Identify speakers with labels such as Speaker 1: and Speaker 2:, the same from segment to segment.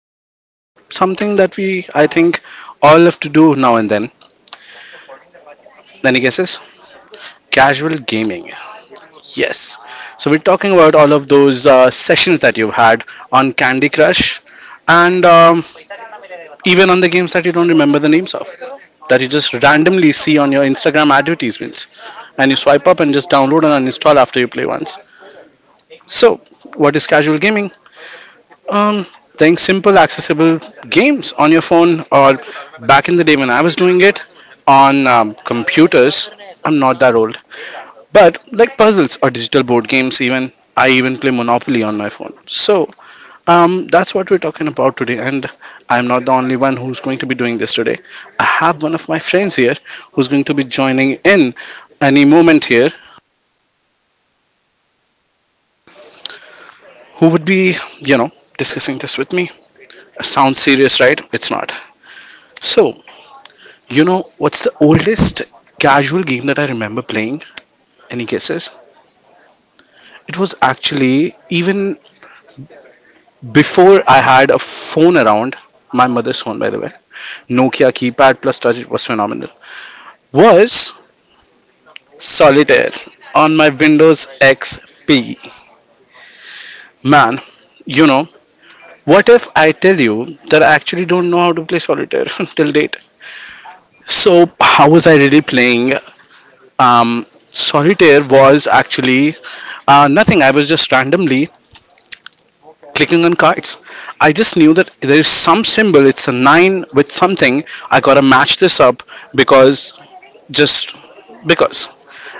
Speaker 1: something that we, I think, all have to do now and then. Any guesses? Casual gaming. Yes. So we're talking about all of those sessions that you've had on Candy Crush, and even on the games that you don't remember the names of, that you just randomly see on your Instagram advertisements, and you swipe up and just download and uninstall after you play once. So, what is casual gaming? Um, playing simple, accessible games on your phone, or back in the day when I was doing it on computers. I'm not that old, but like puzzles or digital board games, even I even play Monopoly on my phone. So that's what we're talking about today, and I'm not the only one who's going to be doing this today. I have one of my friends here who's going to be joining in any moment here, who would be, you know, discussing this with me. Sounds serious, right? It's not. So you know what's the oldest casual game that I remember playing? Any guesses? It was actually even before I had a phone around, my mother's phone, by the way. Nokia keypad plus touch, it was phenomenal. Was solitaire on my Windows XP. Man, you know, what if I tell you that I actually don't know how to play solitaire till date? So, how was I really playing? Solitaire was actually nothing. I was just randomly clicking on cards. I just knew that there is some symbol, it's a 9 with something. I gotta match this up because just because.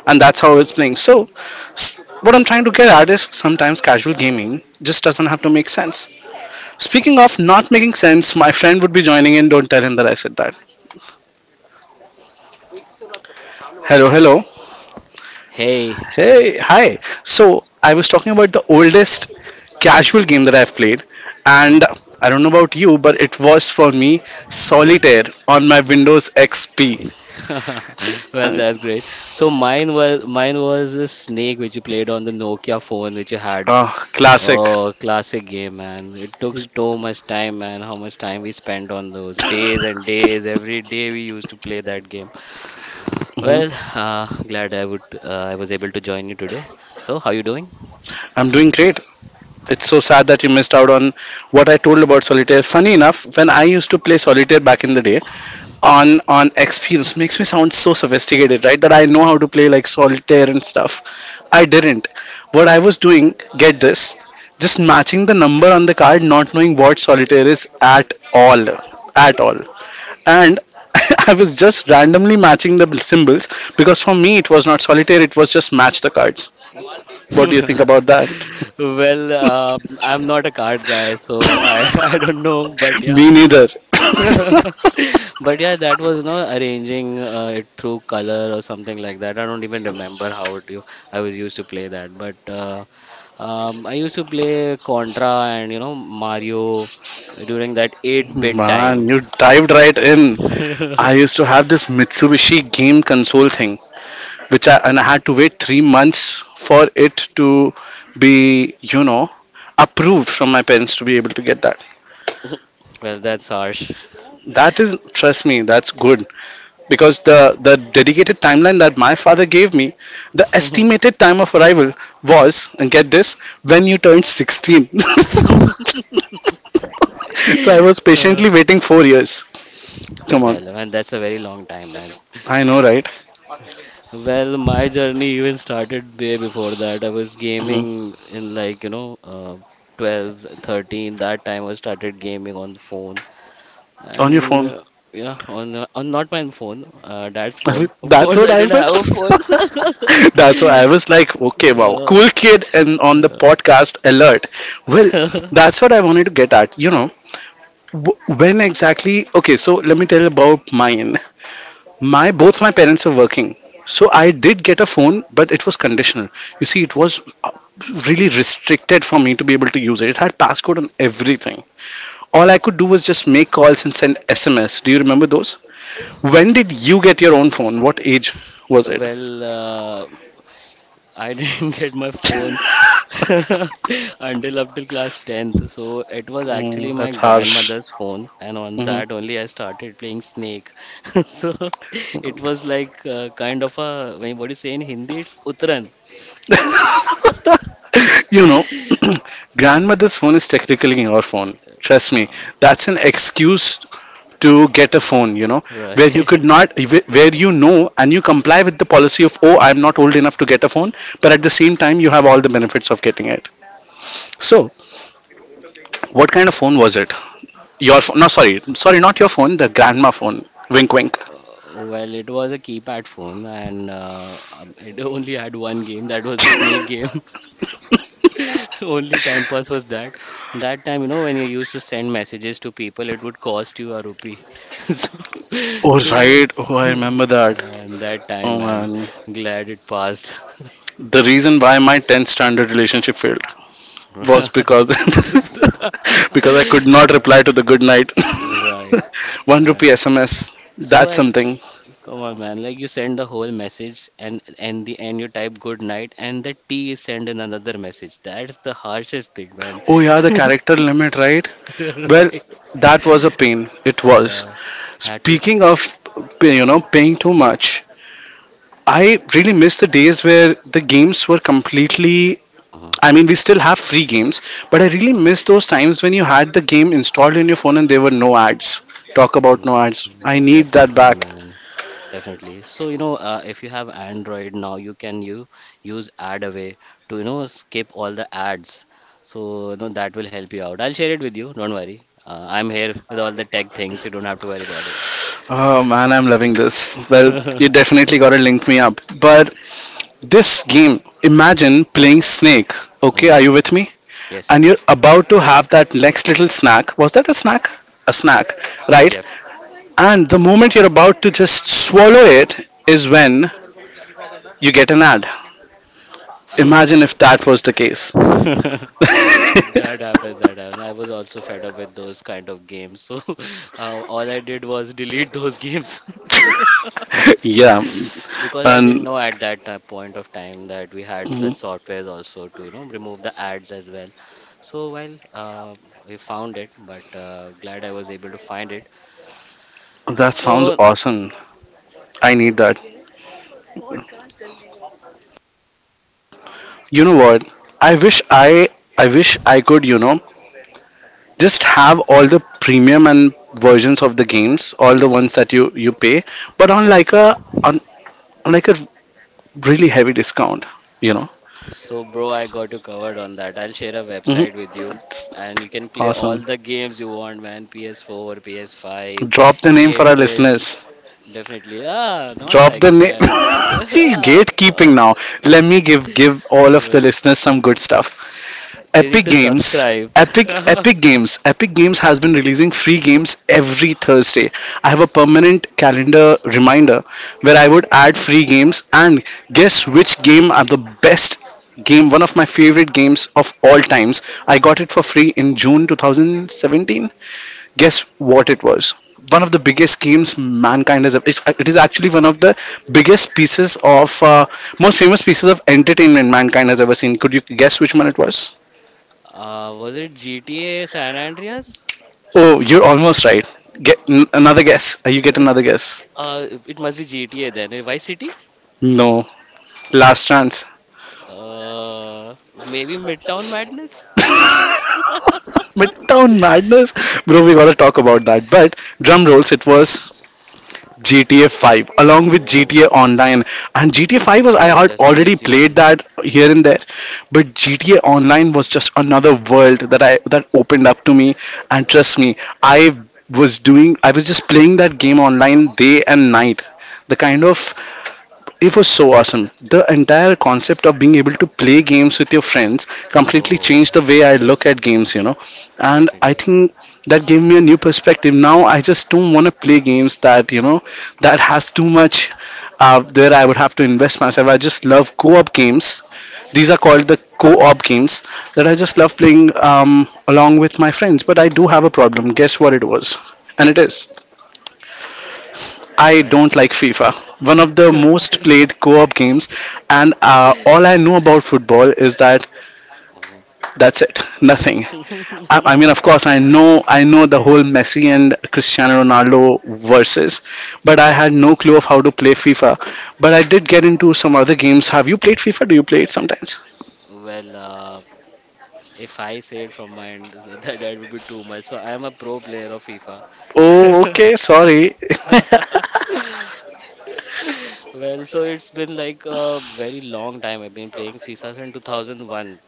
Speaker 1: And that's how it's playing. So, s- what I'm trying to get at is sometimes casual gaming just doesn't have to make sense. Speaking of not making sense, my friend would be joining in. Don't tell him that I said that. Hello, hello.
Speaker 2: Hey.
Speaker 1: Hey, hi. So, I was talking about the oldest casual game that I've played, and
Speaker 2: Mhm.
Speaker 1: I don't know about you, but it was for me Solitaire on my Windows XP.
Speaker 2: Well,
Speaker 1: Uh,
Speaker 2: that's great. So mine was a snake which you played on the Nokia phone which you had.
Speaker 1: uh, classic.
Speaker 2: Oh, classic game, man. It took so much time, man. How much time we spent on those days and days. Every day we used to play that game.
Speaker 1: Mhm.
Speaker 2: Well, uh, glad I was able to join you today. So, how you doing?
Speaker 1: I'm doing great. It's so sad that you missed out on what I told about Solitaire. Funny enough, when I used to play Solitaire back in the day on XP, this makes me sound so sophisticated, right? That I know how to play like Solitaire and stuff. I didn't. What I was doing, get this, just matching the number on the card, not knowing what solitaire is at all. At all. And I was just randomly matching the symbols because for me it was not solitaire, it was just match the cards. What do you think about that?
Speaker 2: Well, I'm not a card guy, so I I don't know, but yeah,
Speaker 1: Me neither.
Speaker 2: But yeah, that was no arranging it through color or something like that. I don't even remember how it you I was used to play that. But I used to play Contra and Mario during that 8-bit time.
Speaker 1: Man, you dived right in. I used to have this Mitsubishi game console thing, which I and I had to wait 3 months for it to be approved from my parents to be able to get that.
Speaker 2: Well, that's harsh.
Speaker 1: That is, trust me, that's good because the dedicated timeline that my father gave me, the estimated time of arrival was, and get this, when you turned 16. So I was
Speaker 2: Uh,
Speaker 1: patiently waiting 4 years. Come on,
Speaker 2: Well, man, that's a very long time, man.
Speaker 1: I know, right?
Speaker 2: Well, my journey even started way before that. I was
Speaker 1: Hmm.
Speaker 2: gaming in like, 12, 13. That time I started gaming on the phone.
Speaker 1: On your
Speaker 2: And
Speaker 1: phone.
Speaker 2: yeah, on not my phone, dad's phone. Of
Speaker 1: That's
Speaker 2: course,
Speaker 1: what
Speaker 2: I
Speaker 1: I
Speaker 2: didn't
Speaker 1: said.
Speaker 2: have a phone.
Speaker 1: That's why I was like, okay, wow,
Speaker 2: Yeah.
Speaker 1: cool kid, and on the
Speaker 2: Yeah.
Speaker 1: podcast alert. Well, that's what I wanted to get at. When exactly? Okay, so let me tell about mine. My both my parents were working, so I did get a phone, but it was conditional. You see, it was really restricted for me to be able to use it. It had passcode and everything. All I could do was just make calls and send SMS. Do you remember those? When did you get your own phone? What age was it?
Speaker 2: Well, I didn't get my phone until up till class 10th. So it was actually
Speaker 1: Mm,
Speaker 2: my
Speaker 1: that's harsh.
Speaker 2: grandmother's phone, and on
Speaker 1: Hmm.
Speaker 2: that only I started playing Snake. So it was like kind of I mean, what do you say in Hindi? It's Uttaran.
Speaker 1: you know, grandmother's phone is technically your phone. Trust me,
Speaker 2: Um,
Speaker 1: that's an excuse to get a phone. Where you
Speaker 2: right.
Speaker 1: could not, where and you comply with the policy of, oh, I'm not old enough to get a phone, but at the same time, you have all the benefits of getting it. So, what kind of phone was it? Your phone? No, sorry, not your phone. The grandma phone. Wink, wink.
Speaker 2: Well, it was a keypad phone, and it only had one game. That was the snake game. Only time pass was that. That time, when you used to send messages to people, it would cost you a rupee. So,
Speaker 1: Oh
Speaker 2: so,
Speaker 1: right. Oh, I remember that.
Speaker 2: and that time,
Speaker 1: Oh
Speaker 2: man,
Speaker 1: man.
Speaker 2: glad it passed.
Speaker 1: The reason why my 10th standard relationship failed was because because I could not
Speaker 2: Yeah,
Speaker 1: reply to the good night.
Speaker 2: right.
Speaker 1: One
Speaker 2: Uh,
Speaker 1: rupee SMS.
Speaker 2: so
Speaker 1: That's
Speaker 2: I
Speaker 1: something.
Speaker 2: Come on, man. Like you send the whole message and the end you type good night and the T is send in another message. That's the harshest thing, man.
Speaker 1: Oh yeah, the character limit, right? Well,
Speaker 2: Right?
Speaker 1: that was a pain. It was.
Speaker 2: Yeah. Had to.
Speaker 1: Speaking of paying too
Speaker 2: Mm.
Speaker 1: much, I really miss the days where the games were completely.
Speaker 2: uh,
Speaker 1: I mean, we still have free games, but I really
Speaker 2: uh,
Speaker 1: miss those times when you had the game installed in your phone and there were no ads. Talk about
Speaker 2: mm.
Speaker 1: no ads. I
Speaker 2: Mm.
Speaker 1: need that
Speaker 2: Definitely,
Speaker 1: back.
Speaker 2: man. Definitely. So, if you have Android now, you can you use AdAway to, skip all the ads. So, that will help you out. I'll share it with you. Don't worry. I'm here with all the tech things. You don't have to worry about
Speaker 1: Oh man, I'm loving this. Well, you
Speaker 2: it.
Speaker 1: definitely gotta link me up. But this game, imagine playing Snake. Okay, are you
Speaker 2: Mm.
Speaker 1: with me?
Speaker 2: Yes,
Speaker 1: And you're
Speaker 2: yes.
Speaker 1: about to have that next little snack. Was that a snack? A snack, right?
Speaker 2: Yes.
Speaker 1: And the moment you're about to just swallow it is when you get an ad. Imagine if that was the case.
Speaker 2: That happens, that happens. I was also fed up with those kind of games. So all I did was delete those games
Speaker 1: Yeah,
Speaker 2: because I didn't
Speaker 1: and
Speaker 2: know at that time, point of time that we had such
Speaker 1: mm,
Speaker 2: softwares also to, remove the ads as well. So well, we found it, but glad I was able to find it.
Speaker 1: that sounds
Speaker 2: So
Speaker 1: awesome. I need that. You know what? I wish I wish I could, just have all the premium and versions of the games, all the ones that you pay, but on, on like a really heavy discount. You know.
Speaker 2: So, bro, I got you covered on that. I'll share a website
Speaker 1: Hmm.
Speaker 2: with you and you can play all
Speaker 1: Awesome.
Speaker 2: the games you want, man. PS4, PS5,
Speaker 1: Drop the name for our
Speaker 2: 8-bit.
Speaker 1: listeners.
Speaker 2: Definitely. Ah, not
Speaker 1: Drop
Speaker 2: like
Speaker 1: the name.
Speaker 2: that.
Speaker 1: See,
Speaker 2: Ah,
Speaker 1: gatekeeping
Speaker 2: not
Speaker 1: now.
Speaker 2: like
Speaker 1: Let
Speaker 2: that.
Speaker 1: me give all of
Speaker 2: Bro,
Speaker 1: the listeners some good stuff.
Speaker 2: they need
Speaker 1: Epic
Speaker 2: to
Speaker 1: Games.
Speaker 2: subscribe.
Speaker 1: Epic Epic Games. Epic Games has been releasing free games every Thursday. I have a
Speaker 2: Yes.
Speaker 1: permanent calendar reminder where I would add free games and guess
Speaker 2: Oh.
Speaker 1: which game are the best game, one of my favorite games of all times. I got it for free in June 2017. Guess what it was? One of the biggest games mankind has ever. It is actually one of the biggest pieces of most famous pieces of entertainment mankind has ever seen. Could you guess which one it was?
Speaker 2: Was it GTA San Andreas?
Speaker 1: Oh, you're almost right. Get another guess. You get
Speaker 2: Uh, d-
Speaker 1: another guess.
Speaker 2: it must be GTA then. Eh, Vice City?
Speaker 1: No, last chance.
Speaker 2: Uh, Maybe Midtown Madness?
Speaker 1: Midtown Madness, bro. We gotta talk about that. But drum rolls. It was GTA 5 along with
Speaker 2: Oh,
Speaker 1: GTA Online. And GTA 5 was I
Speaker 2: oh,
Speaker 1: had
Speaker 2: that's
Speaker 1: already
Speaker 2: crazy,
Speaker 1: played
Speaker 2: man.
Speaker 1: that here and there, but GTA Online was just another world that opened up to me. And trust me, I was doing. I was just playing that game online day and night. The kind of It was so awesome. The entire concept of being able to play games with your friends completely
Speaker 2: Oh,
Speaker 1: changed the way I look at games. And I
Speaker 2: definitely.
Speaker 1: think that gave me a new perspective. Now I just don't want to play games that has too much where I would have to invest myself. I just love co op games. These are called the co op games that I just
Speaker 2: Right.
Speaker 1: love playing along with my friends. But I do have a problem. Guess what it was? And it is. I
Speaker 2: Well,
Speaker 1: don't like FIFA, one of the most played co op games, and all I know about football is that
Speaker 2: oh.
Speaker 1: that's it, nothing. I mean, of course, I know the whole Messi and Cristiano Ronaldo versus, but I
Speaker 2: Right.
Speaker 1: had no clue of how to play FIFA. But I did get into some other games. Have you played FIFA? Do you play it sometimes?
Speaker 2: Well, if I say it from my end, that would be too much. So I am a pro player of FIFA.
Speaker 1: Oh, okay, sorry.
Speaker 2: Well, so it's been like a very long time. I've been playing FIFA since 2001.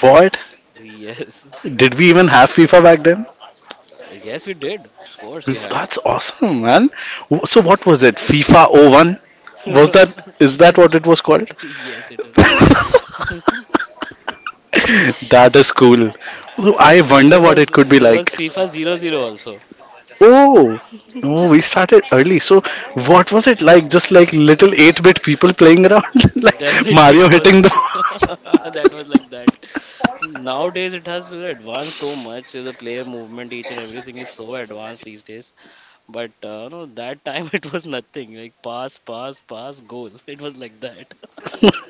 Speaker 1: What?
Speaker 2: Yes,
Speaker 1: Did we even have FIFA back then?
Speaker 2: Yes, we did. Of course, we had.
Speaker 1: That's awesome, man. So what was it? FIFA 01? Was that is that what it was called?
Speaker 2: Yes, it is.
Speaker 1: That is cool. So I
Speaker 2: So
Speaker 1: wonder
Speaker 2: there
Speaker 1: what
Speaker 2: was
Speaker 1: it could be
Speaker 2: there
Speaker 1: like.
Speaker 2: was FIFA 00 also.
Speaker 1: Oh, oh, we started early. So what was it like? Just like little 8-bit people playing
Speaker 2: Uh,
Speaker 1: around, like
Speaker 2: Definitely
Speaker 1: Mario
Speaker 2: it was
Speaker 1: hitting the
Speaker 2: that was like that. Nowadays it has really advanced so much. The player movement, each and everything is so advanced these days. But no, that time it was nothing. Like pass, pass, pass, goal. It was like that.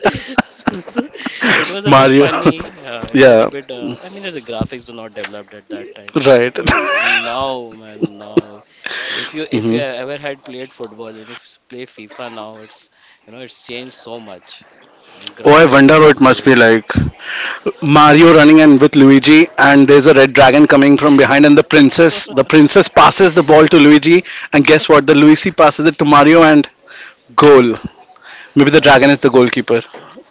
Speaker 2: It was a bit
Speaker 1: Mario.
Speaker 2: funny. It was a
Speaker 1: Yeah,
Speaker 2: bit. I mean, the graphics were not developed at that time,
Speaker 1: right.
Speaker 2: but now, man, now, if you
Speaker 1: Hmm.
Speaker 2: ever had played football and if you play FIFA now, it's you know it's changed so much, and
Speaker 1: Oh, I
Speaker 2: graphics
Speaker 1: wonder
Speaker 2: have
Speaker 1: what it must be
Speaker 2: improved
Speaker 1: like.
Speaker 2: definitely.
Speaker 1: Mario running in with Luigi, and there's a red dragon coming from behind, and the princess passes the ball to Luigi, and guess what? The Luigi passes it to Mario, and goal. Maybe the dragon is the goalkeeper.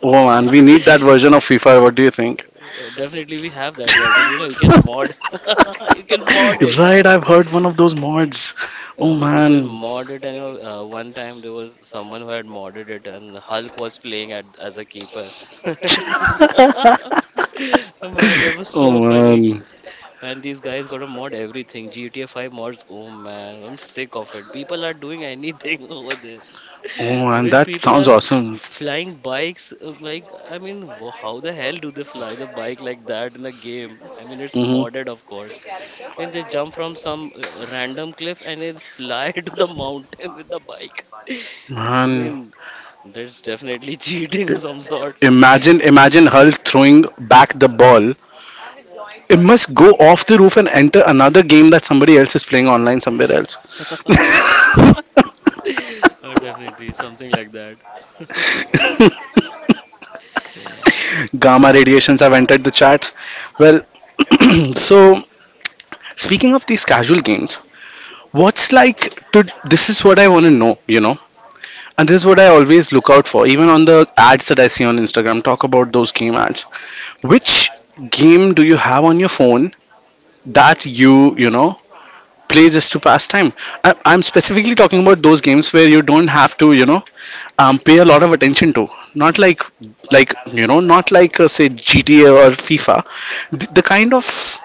Speaker 1: Oh man, we need that
Speaker 2: I-
Speaker 1: version of FIFA. What do you think?
Speaker 2: Definitely, we have that version. You can mod, you can mod it, man.
Speaker 1: Right, I've heard one of those mods.
Speaker 2: You
Speaker 1: Oh
Speaker 2: know, people
Speaker 1: man.
Speaker 2: mod it, and one time there was someone who had modded it, and Hulk was playing as a keeper. Man, that was so
Speaker 1: Oh
Speaker 2: funny.
Speaker 1: man.
Speaker 2: And these guys going to mod everything. GTA 5 mods. Oh man, I'm sick of it. People are doing anything over there.
Speaker 1: Oh
Speaker 2: I
Speaker 1: man,
Speaker 2: mean,
Speaker 1: that
Speaker 2: people
Speaker 1: sounds
Speaker 2: are
Speaker 1: awesome.
Speaker 2: flying bikes. Like, I mean, how the hell do they fly the bike like that in a game? I mean, it's
Speaker 1: Hmm.
Speaker 2: modded, of course. I mean, they jump from some random cliff and they fly to the mountain with the bike. I
Speaker 1: Man,
Speaker 2: mean, there's definitely cheating of some sorts.
Speaker 1: imagine Hull throwing back the ball. It must go off the roof and enter another game that somebody else is playing online somewhere else.
Speaker 2: Definitely something like that.
Speaker 1: Gamma
Speaker 2: Uh,
Speaker 1: radiations have entered the chat. Well, so speaking of these casual games, what's like to this is what I want to know, and this is what I always look out for, even on the ads that I see on Instagram. Talk about those game ads. Which game do you have on your phone that you play just to pass time? I'm specifically talking about those games where you don't have to, pay a lot of attention to. Not like, not like say GTA or FIFA. The kind of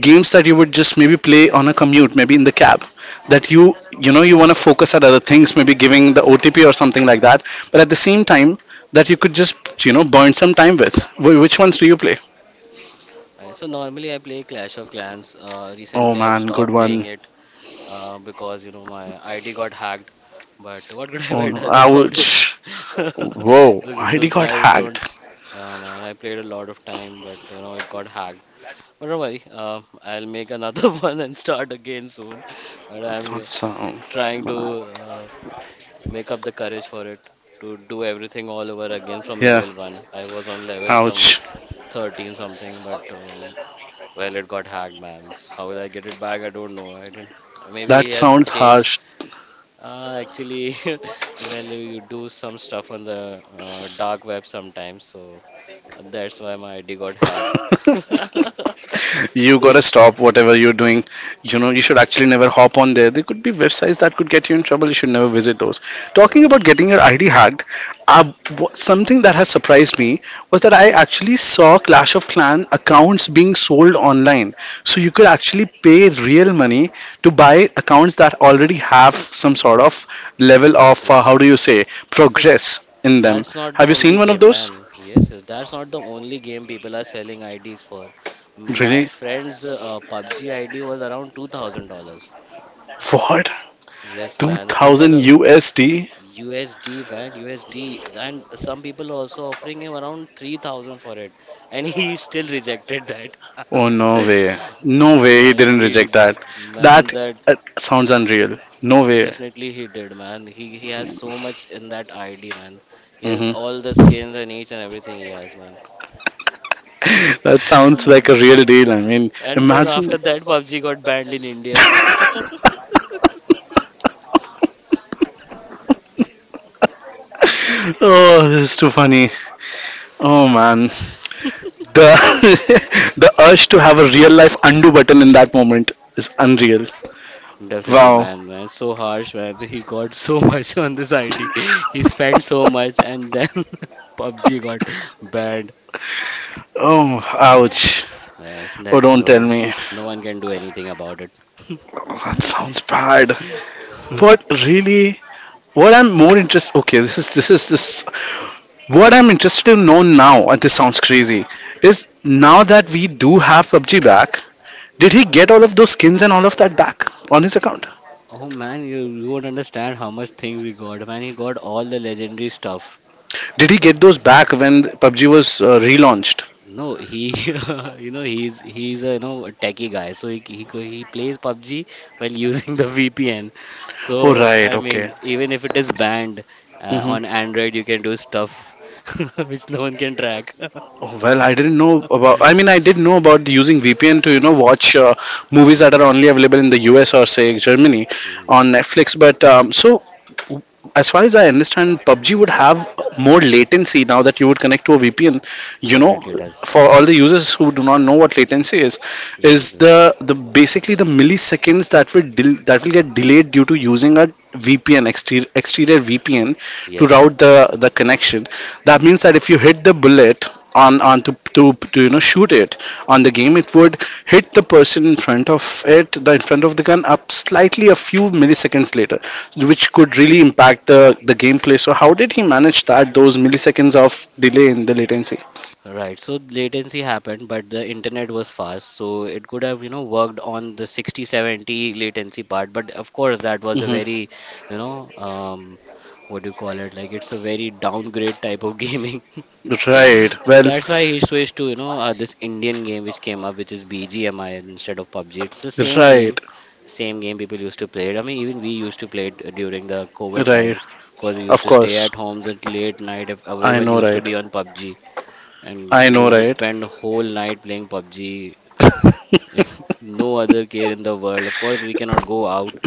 Speaker 1: games that you would just maybe play on a commute, maybe in the cab, that you know you want to focus at other things, maybe giving the OTP or something like that. But at the same time, that you could just burn some time with. Which ones do you play?
Speaker 2: so normally I play Clash of Clans.
Speaker 1: Oh
Speaker 2: Recently I've
Speaker 1: man, good
Speaker 2: stopped playing
Speaker 1: one.
Speaker 2: it because my ID got hacked. But what could I have
Speaker 1: Oh
Speaker 2: I
Speaker 1: no,
Speaker 2: done about it?
Speaker 1: ouch. Whoa,
Speaker 2: Those,
Speaker 1: ID
Speaker 2: those
Speaker 1: got
Speaker 2: guys don't.
Speaker 1: hacked.
Speaker 2: Yeah, man. I played a lot of time, but it got hacked. But don't worry. I'll make another one and start again soon. But I'm
Speaker 1: That's
Speaker 2: trying to make up the courage for it to do everything all over again from
Speaker 1: yeah,
Speaker 2: level one. I was on level some,
Speaker 1: ouch.
Speaker 2: 13 something, but well, it got hacked, man. How will I get it back? I don't know. I didn't. Maybe
Speaker 1: That
Speaker 2: he has
Speaker 1: sounds
Speaker 2: changed.
Speaker 1: harsh.
Speaker 2: Actually, well, you do some stuff on the dark web sometimes, so that's why my ID got hacked.
Speaker 1: You gotta stop whatever you're doing. You know, you should actually never hop on there. There could be websites that could get you in trouble. You should never visit those. Talking about
Speaker 2: Right,
Speaker 1: getting your ID hacked, uh, something that has surprised me was that I actually saw Clash of Clan accounts being sold online. So you could actually pay real money to buy accounts that already have some sort of level of,
Speaker 2: definitely.
Speaker 1: how do you say,
Speaker 2: So
Speaker 1: progress in them.
Speaker 2: that's not the
Speaker 1: Have you seen
Speaker 2: only
Speaker 1: one of
Speaker 2: game,
Speaker 1: those?
Speaker 2: man. Yes, yes, that's not the only game people are selling IDs for. My
Speaker 1: Really?
Speaker 2: friend's PUBG ID was around $2,000.
Speaker 1: What?
Speaker 2: Yes, man. People,
Speaker 1: 2000 USD?
Speaker 2: USD man, USD, and some people are also offering him around 3,000 for it, and he still rejected that.
Speaker 1: Oh, no way. No way he
Speaker 2: Man,
Speaker 1: didn't
Speaker 2: he
Speaker 1: reject that.
Speaker 2: rejected. Man,
Speaker 1: That
Speaker 2: that
Speaker 1: sounds unreal. No way.
Speaker 2: definitely he did, man. He has so much in that ID, man. He has
Speaker 1: Hmm.
Speaker 2: all the skins and each and everything he has, man.
Speaker 1: That sounds like a real deal. I mean,
Speaker 2: And then
Speaker 1: imagine.
Speaker 2: after that, PUBG got banned in India.
Speaker 1: Oh, this is too funny. Oh man, the the urge to have a real life undo button in that moment is unreal.
Speaker 2: Definitely,
Speaker 1: Wow.
Speaker 2: man, man. So harsh, man. He got so much on this ID. He spent so much, and then PUBG got banned.
Speaker 1: Oh,
Speaker 2: Um,
Speaker 1: ouch.
Speaker 2: yeah,
Speaker 1: Oh,
Speaker 2: that
Speaker 1: don't tell me.
Speaker 2: no one can do anything about it.
Speaker 1: Oh, that sounds bad. What really? What I'm more interested. Okay, this is this is this. What I'm interested to know now, and this sounds crazy, is now that we do have PUBG back, did he get all of those skins and all of that back on his account?
Speaker 2: Oh man, you won't understand how much things he got. Man, he got all the legendary stuff.
Speaker 1: Did he get those back when
Speaker 2: Uh,
Speaker 1: PUBG was relaunched?
Speaker 2: No, he, he's a you know a techie guy, so he plays PUBG while using the VPN.
Speaker 1: Oh,
Speaker 2: So
Speaker 1: right,
Speaker 2: I
Speaker 1: okay.
Speaker 2: mean, even if it is banned
Speaker 1: Hmm.
Speaker 2: on Android, you can do stuff which no one can track.
Speaker 1: Oh, well, I didn't know about. I mean, I did know about using VPN to, you know, watch movies that
Speaker 2: Mm.
Speaker 1: are only available in the US or, say, Germany
Speaker 2: Mm.
Speaker 1: on Netflix. But so as far as I understand, PUBG would have more latency now that you would connect to a VPN. You know,
Speaker 2: Definitely it does.
Speaker 1: for all the users who do not know what latency is
Speaker 2: Definitely.
Speaker 1: the basically the milliseconds that that will get delayed due to using a exterior VPN to
Speaker 2: Yes.
Speaker 1: route the connection. That means that if you hit the bullet on to shoot it on the game it would hit the person in front of it the in front of the gun up slightly a few milliseconds later which could really impact the gameplay. So how did he manage that those milliseconds of delay in the latency?
Speaker 2: Right, so latency happened, but the internet was fast, so it could have, worked on the 60 70 latency part. But of course, that was a
Speaker 1: Hmm.
Speaker 2: very, you know, um, what do you call it? Like, it's a very downgrade type of gaming.
Speaker 1: Right.
Speaker 2: So
Speaker 1: Well,
Speaker 2: that's why he switched to, this Indian game which came up, which is BGMI instead of PUBG. It's the same game,
Speaker 1: right,
Speaker 2: same game people used to play it. I mean, even we used to play it during the COVID
Speaker 1: right.
Speaker 2: times because we used
Speaker 1: Of
Speaker 2: to stay
Speaker 1: course,
Speaker 2: at homes at late night. If
Speaker 1: I
Speaker 2: everyone
Speaker 1: know,
Speaker 2: used to
Speaker 1: right.
Speaker 2: be on PUBG. And
Speaker 1: I
Speaker 2: you
Speaker 1: know,
Speaker 2: just
Speaker 1: right,
Speaker 2: spend whole night playing PUBG, like no other care in the world. Of course, we cannot go out.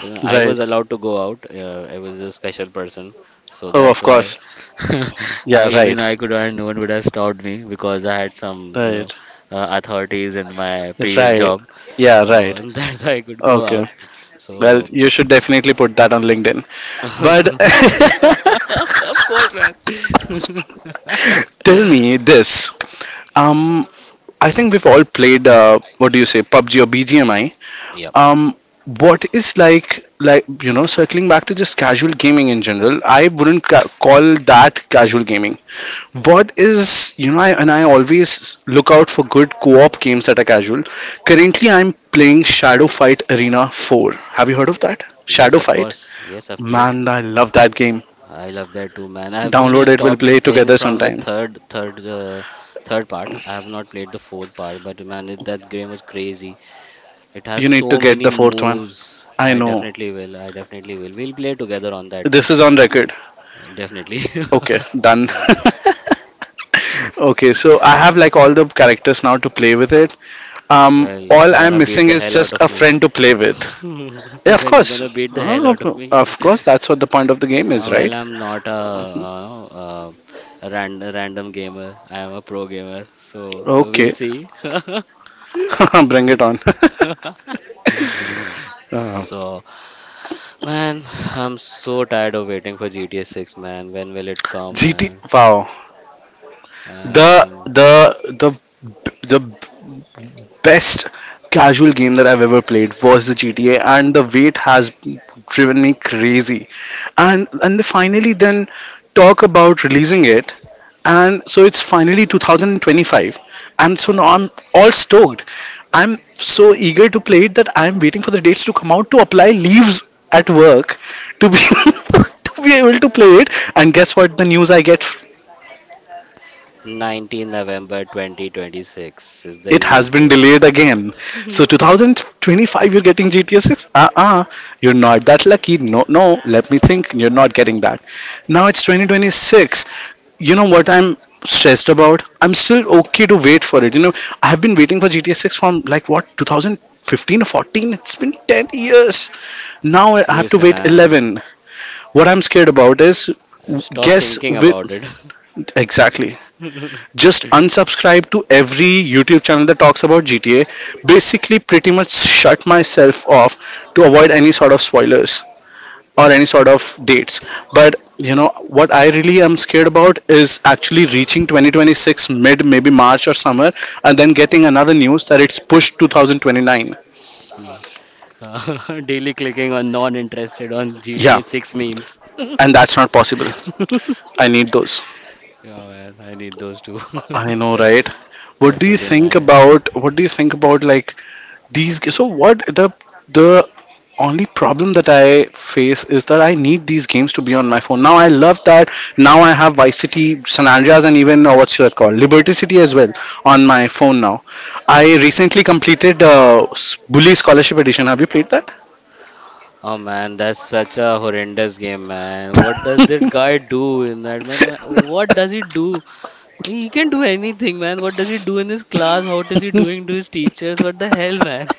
Speaker 2: Even I
Speaker 1: right.
Speaker 2: was allowed to go out. I was a special person, so
Speaker 1: Oh,
Speaker 2: that's
Speaker 1: of
Speaker 2: why
Speaker 1: course. Yeah,
Speaker 2: I even
Speaker 1: right,
Speaker 2: I could and no one would have stopped me because I had some
Speaker 1: right,
Speaker 2: authorities in my previous
Speaker 1: right.
Speaker 2: job,
Speaker 1: Yeah,
Speaker 2: so
Speaker 1: right.
Speaker 2: that's why I could go
Speaker 1: Okay.
Speaker 2: out.
Speaker 1: Well,
Speaker 2: So
Speaker 1: you should definitely put that on LinkedIn. But
Speaker 2: of course, man.
Speaker 1: tell me this. Um, I think we've all played. What do you say, PUBG or BGMI?
Speaker 2: Yep.
Speaker 1: um what is you know, circling back to just casual gaming in general, I wouldn't ca- call that casual gaming. What is, you know, I always look out for good co-op games that are casual. Currently I'm playing Shadow Fight Arena 4. Have you heard of that,
Speaker 2: Yes,
Speaker 1: Shadow
Speaker 2: of
Speaker 1: Fight?
Speaker 2: course. Yes, I've played.
Speaker 1: Man, I love that game.
Speaker 2: I love that too, man. I've
Speaker 1: Download it, we'll
Speaker 2: stopped
Speaker 1: play
Speaker 2: it playing
Speaker 1: together
Speaker 2: from the
Speaker 1: sometime.
Speaker 2: third part. I have not played the fourth part, but man, that game was crazy. It has
Speaker 1: You need to
Speaker 2: so
Speaker 1: get
Speaker 2: many
Speaker 1: the fourth one.
Speaker 2: moves.
Speaker 1: I
Speaker 2: I
Speaker 1: know,
Speaker 2: definitely will. I definitely will. We'll play together on that.
Speaker 1: this is on record.
Speaker 2: Definitely.
Speaker 1: Okay, done. Okay, so I have like all the characters now to play with it.
Speaker 2: Well,
Speaker 1: All
Speaker 2: you're
Speaker 1: I'm
Speaker 2: gonna beat
Speaker 1: missing
Speaker 2: the
Speaker 1: is
Speaker 2: hell out
Speaker 1: just a
Speaker 2: of me.
Speaker 1: friend to play with. Yeah, of
Speaker 2: Then you're
Speaker 1: course.
Speaker 2: gonna beat the hell
Speaker 1: Ah,
Speaker 2: out
Speaker 1: Of,
Speaker 2: of me.
Speaker 1: of course, that's what the point of the game is,
Speaker 2: Well,
Speaker 1: right?
Speaker 2: I'm not a random gamer. I am a pro gamer. So we'll
Speaker 1: Okay,
Speaker 2: see.
Speaker 1: bring it on. Uh,
Speaker 2: So, man, I'm so tired of waiting for GTA 6, man. When will it come,
Speaker 1: GT,
Speaker 2: man?
Speaker 1: wow. The
Speaker 2: And
Speaker 1: the the the best casual game that I've ever played was the GTA, and the wait has driven me crazy. And finally, then talk about releasing it. And so it's finally 2025, and so now I'm all stoked. I'm so eager to play it that I'm waiting for the dates to come out, to apply leaves at work, to be to be able to play it, and guess what the news I get?
Speaker 2: 19 November 2026 is the
Speaker 1: It has
Speaker 2: release
Speaker 1: been
Speaker 2: date.
Speaker 1: delayed again. So 2025 you're getting GTA 6? Uh-uh, you're not that lucky. No no Let me think, you're not getting that. Now it's 2026. You know what I'm stressed about? I'm still okay to wait for it. You know, I have been waiting for GTA 6 from like what, 2015 or 14? It's been 10 years. Now I have to
Speaker 2: Seriously,
Speaker 1: wait
Speaker 2: man.
Speaker 1: 11. What I'm scared about is
Speaker 2: I've stopped
Speaker 1: guess
Speaker 2: thinking
Speaker 1: with
Speaker 2: about it.
Speaker 1: exactly just unsubscribe to every YouTube channel that talks about GTA, basically pretty much shut myself off to avoid any sort of spoilers or any sort of dates. But you know what I really am scared about is actually reaching 2026 mid, maybe March or summer, and then getting another news that it's pushed 2029.
Speaker 2: Mm. Daily clicking on non-interested on
Speaker 1: Yeah,
Speaker 2: GTA 6 memes. Yeah,
Speaker 1: and that's not possible. I need those.
Speaker 2: man. I need those too.
Speaker 1: I know, right? What do you
Speaker 2: Definitely,
Speaker 1: think
Speaker 2: man. Eh.
Speaker 1: about like these? So what the only problem that I face is that I need these games to be on my phone. Now I love that. Now I have Vice City, San Andreas, and even what's that called, Liberty City as well on my phone now. I
Speaker 2: Oh, man.
Speaker 1: recently completed Bully Scholarship Edition. Have you played that?
Speaker 2: Oh man, that's such a horrendous game, man. What does that guy do in that, man? Man, what does he do? He can do anything, man. What does he do in his class? What is he doing to his teachers? What the hell, man?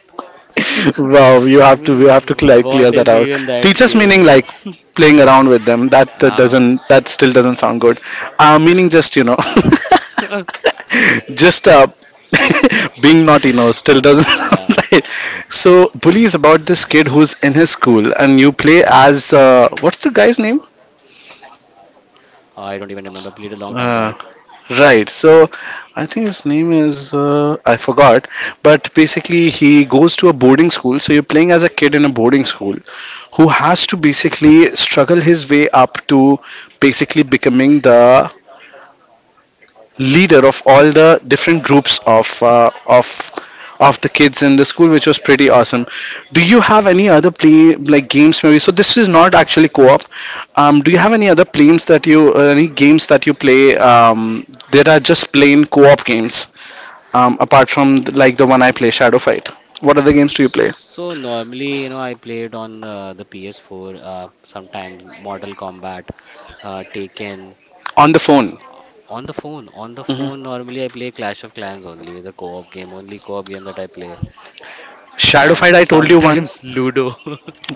Speaker 1: Wow, you
Speaker 2: I
Speaker 1: have to
Speaker 2: mean,
Speaker 1: clear
Speaker 2: what
Speaker 1: that
Speaker 2: is
Speaker 1: out.
Speaker 2: even that
Speaker 1: Teachers
Speaker 2: game,
Speaker 1: meaning
Speaker 2: man?
Speaker 1: like playing around with them. That
Speaker 2: Ah,
Speaker 1: doesn't that still doesn't sound good. Meaning just you know, just
Speaker 2: uh,
Speaker 1: being naughty, no, still doesn't sound right. So Bully is about this kid who's in his school and you play as what's the guy's name?
Speaker 2: I don't even remember. I played a long time back.
Speaker 1: Uh, Right. So I think his name is I forgot, but basically he goes to a boarding school. So you're playing as a kid in a boarding school who has to basically struggle his way up to basically becoming the leader of all the different groups of of the kids in the school, which was pretty awesome. Do you have any other play like games maybe? So this is not actually co-op. Do you have any other games that you any games that you play that are just plain co-op games, apart from like the one I play, Shadow Fight? What other games do you play
Speaker 2: So normally, you know, I played on the PS4. Sometimes Mortal Kombat, Taken.
Speaker 1: on the phone?
Speaker 2: Uh, on the phone,
Speaker 1: Hmm.
Speaker 2: normally I play Clash of Clans only, the co-op game, only co-op game that I play,
Speaker 1: Shadow
Speaker 2: and
Speaker 1: Fight, I told you one.
Speaker 2: sometimes Ludo.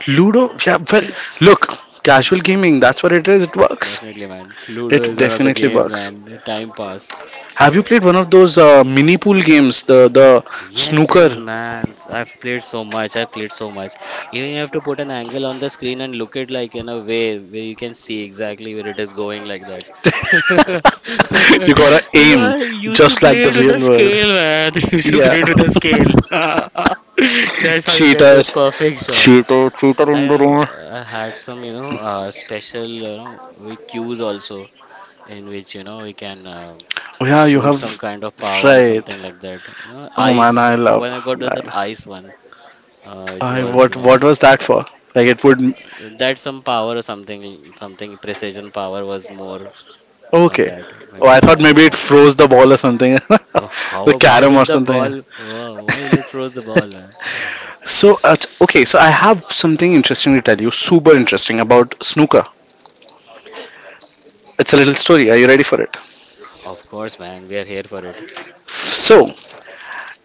Speaker 1: Ludo, yeah, well, look, casual gaming, that's what it is. It works.
Speaker 2: Definitely, man. Ludo
Speaker 1: It
Speaker 2: is one of the
Speaker 1: definitely
Speaker 2: games,
Speaker 1: works.
Speaker 2: man. Time pass.
Speaker 1: Have you played one of those mini pool games, the
Speaker 2: Yes, yes,
Speaker 1: snooker?
Speaker 2: man. I've played so much. I've played so much. Even you have to put an angle on the screen and look it like in a way where you can see exactly where it is going like that.
Speaker 1: You gotta
Speaker 2: You
Speaker 1: aim
Speaker 2: know, I used to
Speaker 1: just like
Speaker 2: play
Speaker 1: the
Speaker 2: it with a
Speaker 1: real world.
Speaker 2: scale, man. I used to
Speaker 1: Yeah,
Speaker 2: play it with a scale. That's how you get
Speaker 1: cheater,
Speaker 2: those perfect shots.
Speaker 1: cheater, cheater
Speaker 2: I
Speaker 1: in the
Speaker 2: uh,
Speaker 1: room.
Speaker 2: I had some, special, we cues also in which we can
Speaker 1: Oh yeah, you
Speaker 2: shoot
Speaker 1: have
Speaker 2: some kind of power or
Speaker 1: right.
Speaker 2: something like that. Uh,
Speaker 1: Oh
Speaker 2: ice
Speaker 1: man, I love
Speaker 2: when I got to that
Speaker 1: that.
Speaker 2: ice one, which
Speaker 1: I
Speaker 2: was
Speaker 1: what was that for? Like it would
Speaker 2: that some power or something precision power was more on
Speaker 1: okay.
Speaker 2: that
Speaker 1: Oh,
Speaker 2: maybe
Speaker 1: I thought
Speaker 2: something
Speaker 1: maybe
Speaker 2: like
Speaker 1: it
Speaker 2: that.
Speaker 1: froze the ball or something,
Speaker 2: Oh,
Speaker 1: the
Speaker 2: how why
Speaker 1: carom
Speaker 2: will
Speaker 1: or
Speaker 2: the
Speaker 1: something.
Speaker 2: ball? Oh, why will it froze the ball, man?
Speaker 1: So, okay, so I have something interesting to tell you, super interesting about snooker. It's a little story. Are you ready for it?
Speaker 2: Of course, man, we are here for it.
Speaker 1: So,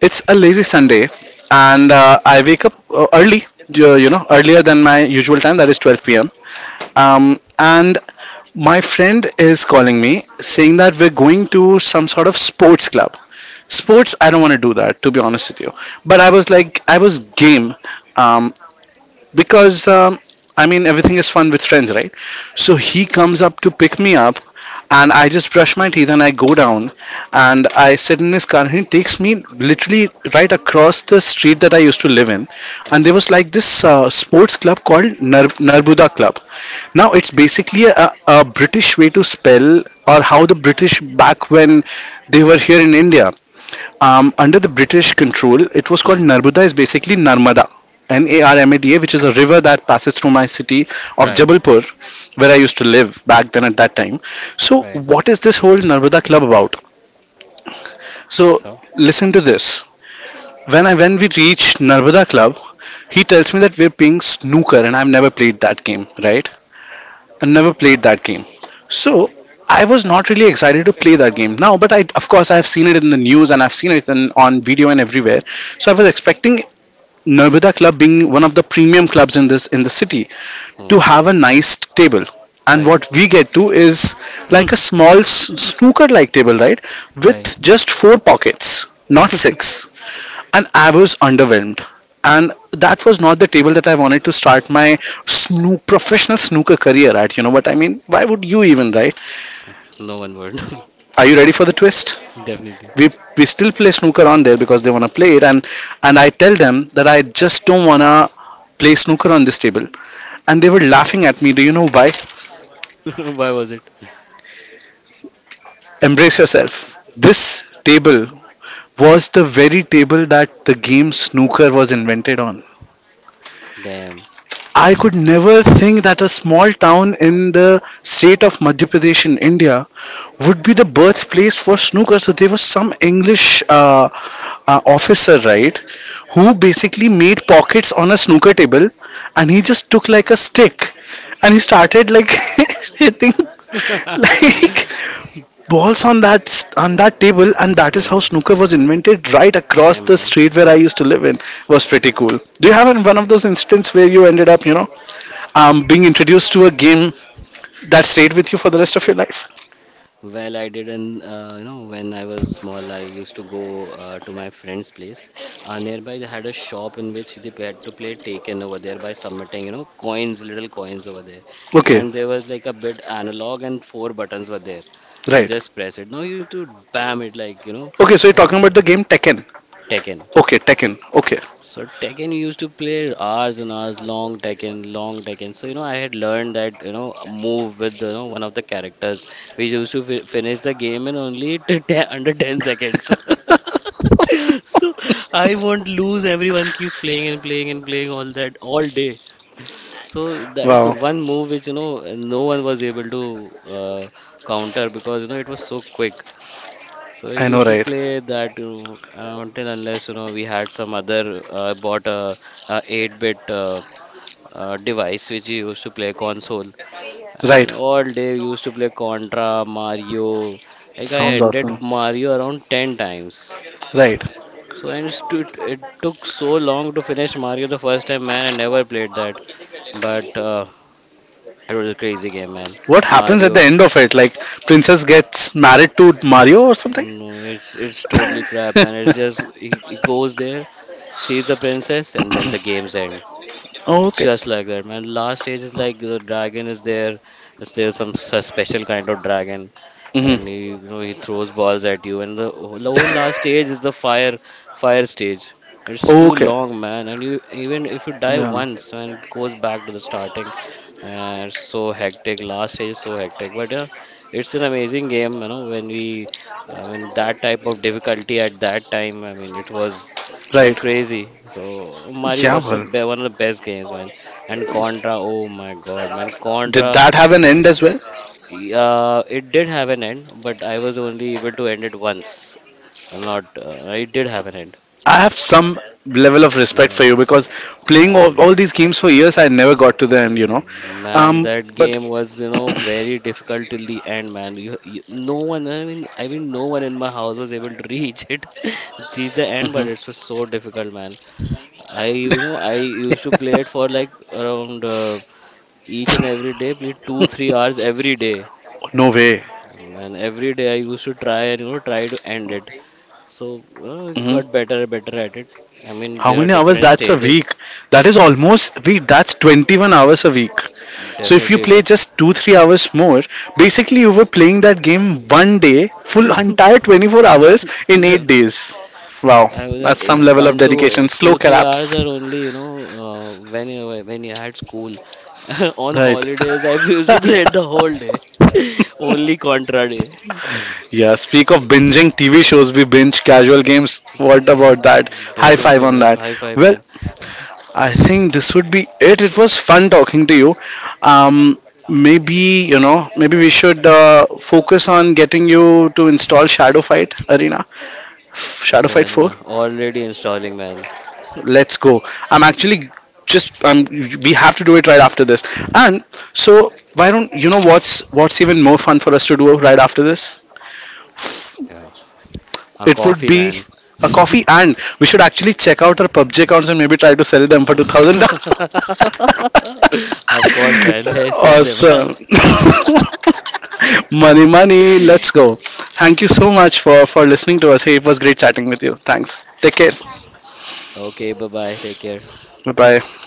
Speaker 1: it's a lazy Sunday, and I wake up early, earlier than my usual time, that is 12 pm. And my friend is calling me saying that we're going to some sort of sports club. Sports, I don't want to do that, to be honest with you. But I was like, I was game um, because, I mean, everything is fun with friends, right? So he comes up to pick me up and I just brush my
Speaker 2: Hmm.
Speaker 1: teeth and I go down and I sit in this car and he takes me literally right across the street
Speaker 2: Hmm.
Speaker 1: that I used to live in and
Speaker 2: Mm.
Speaker 1: there was like this sports club called Narbuda Club. Now it's basically a British way to spell or how the British back when they were here in India under the British control, it was called
Speaker 2: Hmm.
Speaker 1: Narmada, is basically Narmada, N A R M A D A, which is a river that passes through my city of
Speaker 2: Right.
Speaker 1: Jabalpur, where I used to live back then at that time. So,
Speaker 2: Right.
Speaker 1: what is this whole Narmada club about? So,
Speaker 2: So.
Speaker 1: listen to this. When we reached Narmada club, he tells me that we're playing snooker, and I've never played that game, right? I've never played that game. So I was not really excited to play that game now, but I of course, I've seen it in the news and I've seen it on video and everywhere. So I was expecting Norbida Club being one of the premium clubs in this in the city
Speaker 2: Hmm.
Speaker 1: to have a nice table. And
Speaker 2: Right.
Speaker 1: what we get to is like a small snooker like table, right?
Speaker 2: Right.
Speaker 1: With just four pockets, not six. And I was underwhelmed. And that was not the table that I wanted to start my snook professional snooker career at. You know what I mean? Why would you even, right?
Speaker 2: No one word.
Speaker 1: Are you ready for the twist?
Speaker 2: Definitely.
Speaker 1: We we still play snooker on there because they wanna play it, and I tell them that I just don't wanna play snooker on this table. And they were laughing at me. Do you know why?
Speaker 2: Why was it?
Speaker 1: Embrace yourself. This table was the very table that the game snooker was invented on.
Speaker 2: Damn.
Speaker 1: I could never think that a small town in the state of Madhya Pradesh in India would be the birthplace for snooker. So there was some English officer, right, who basically made pockets on a snooker table, and he just took like a stick, and he started like hitting like balls on that table, and that is how
Speaker 2: Hmm.
Speaker 1: snooker was invented right across
Speaker 2: Damn,
Speaker 1: the
Speaker 2: man.
Speaker 1: street where I used to live in. Was pretty cool. Do you have one of those incidents where you ended up, being introduced to a game that stayed with you for the rest of your life?
Speaker 2: Well, I didn't, when I was small, I used to go to my friend's place. Nearby, they had a shop in which they had to play Taken over there by submitting, coins, little coins over there.
Speaker 1: Okay.
Speaker 2: And there was like a bit analog and four buttons were there to
Speaker 1: Right.
Speaker 2: just press it. Now you need to bam it like,
Speaker 1: Okay, so you're
Speaker 2: uh,
Speaker 1: talking about the game Tekken?
Speaker 2: Taken.
Speaker 1: Okay, Tekken. Okay.
Speaker 2: So Tekken used to play hours and hours, long Tekken, long Tekken. So I had learned that a move with one of the characters. We used to fi finish the game in only under 10 seconds. So I won't lose. Everyone keeps playing and playing and playing all that all day. So that's
Speaker 1: Wow.
Speaker 2: one move which no one was able to uh, counter because it was so quick. So I
Speaker 1: I know,
Speaker 2: used to
Speaker 1: right?
Speaker 2: play that until unless we had some other bought a, 8-bit device which we used to play console
Speaker 1: Right.
Speaker 2: and all day we used to play Contra, Mario. Like I
Speaker 1: Sounds
Speaker 2: ended
Speaker 1: awesome.
Speaker 2: Mario around 10 times.
Speaker 1: Right.
Speaker 2: So and it took so long to finish Mario the first time, man. I never played that, but it was a crazy game, man.
Speaker 1: What happens at the
Speaker 2: Mario.
Speaker 1: end of it, like princess gets married to Mario or something?
Speaker 2: No, it's totally crap, man. It's just he goes there, sees the princess, and then the games end.
Speaker 1: Okay.
Speaker 2: Just like that, man. Last stage is like the dragon is there. Is there some special kind of dragon?
Speaker 1: Hmm.
Speaker 2: And he throws balls at you. And the whole last stage is the fire stage. It's too
Speaker 1: Okay.
Speaker 2: long, man. And you even if you die
Speaker 1: Yeah.
Speaker 2: once, and it goes back to the starting. It's so hectic. Last stage is so hectic. But yeah, it's an amazing game. When we, I mean, that type of difficulty at that time. I mean, it was
Speaker 1: Right.
Speaker 2: crazy. So Mario
Speaker 1: Yeah,
Speaker 2: was the
Speaker 1: well,
Speaker 2: one of the best games, man. And Contra, oh my God, man,
Speaker 1: did
Speaker 2: Contra.
Speaker 1: that have an end as well?
Speaker 2: It did have an end, but I was only able to end it once. I'm not. It did have an end.
Speaker 1: I have some level of respect for
Speaker 2: Man,
Speaker 1: you, because playing
Speaker 2: man,
Speaker 1: all these games for years, I never got to the end, you know.
Speaker 2: man,
Speaker 1: Um,
Speaker 2: that
Speaker 1: but
Speaker 2: game was, very difficult till the end, man. No one, I mean, no one in my house was able to reach it, reach the end, but it was
Speaker 1: Mhm.
Speaker 2: so difficult, man. I used to play it for like around each and every day, please 2 to 3 hours every day.
Speaker 1: No way.
Speaker 2: And every day I used to try and try to end it. So got
Speaker 1: Mhm.
Speaker 2: better and better at it. I mean
Speaker 1: How
Speaker 2: there are
Speaker 1: many hours?
Speaker 2: different
Speaker 1: That's a
Speaker 2: stages.
Speaker 1: week. That is almost week. That's 21 hours a week. So if you
Speaker 2: Definitely it
Speaker 1: play
Speaker 2: is.
Speaker 1: just two, 3 hours more, basically you were playing that game one day, full entire 24 hours in eight
Speaker 2: Definitely.
Speaker 1: days. Wow,
Speaker 2: I was
Speaker 1: that's some level of
Speaker 2: one
Speaker 1: dedication.
Speaker 2: to
Speaker 1: Slow
Speaker 2: two three hours
Speaker 1: collapse,
Speaker 2: are only when you had school. On
Speaker 1: right?
Speaker 2: holidays I used to play it the whole day. Only Contra day.
Speaker 1: Yeah, speak of binging TV shows, we binge casual games. What
Speaker 2: Yeah,
Speaker 1: about that? High five
Speaker 2: definitely
Speaker 1: on
Speaker 2: man.
Speaker 1: that.
Speaker 2: High five
Speaker 1: Well,
Speaker 2: man.
Speaker 1: I think this would be it. It was fun talking to you. Um, Maybe, you know, maybe we should focus on getting you to install Shadow Fight Arena, Shadow Fight
Speaker 2: Man,
Speaker 1: 4.
Speaker 2: man. Already installing man.
Speaker 1: Let's go. I'm actually just we have to do it right after this, and so why don't you know what's even more fun for us to do right after this?
Speaker 2: Yeah. A
Speaker 1: It would
Speaker 2: coffee,
Speaker 1: be
Speaker 2: man.
Speaker 1: a coffee, and we should actually check out our PUBG accounts and maybe try to sell them for 2,000.
Speaker 2: Of course, man. Let's sell them
Speaker 1: Awesome.
Speaker 2: out.
Speaker 1: Money, money. Let's go. Thank you so much for listening to us. Hey, it was great chatting with you. Thanks. Take care.
Speaker 2: Okay, bye bye. Take care.
Speaker 1: Bye bye.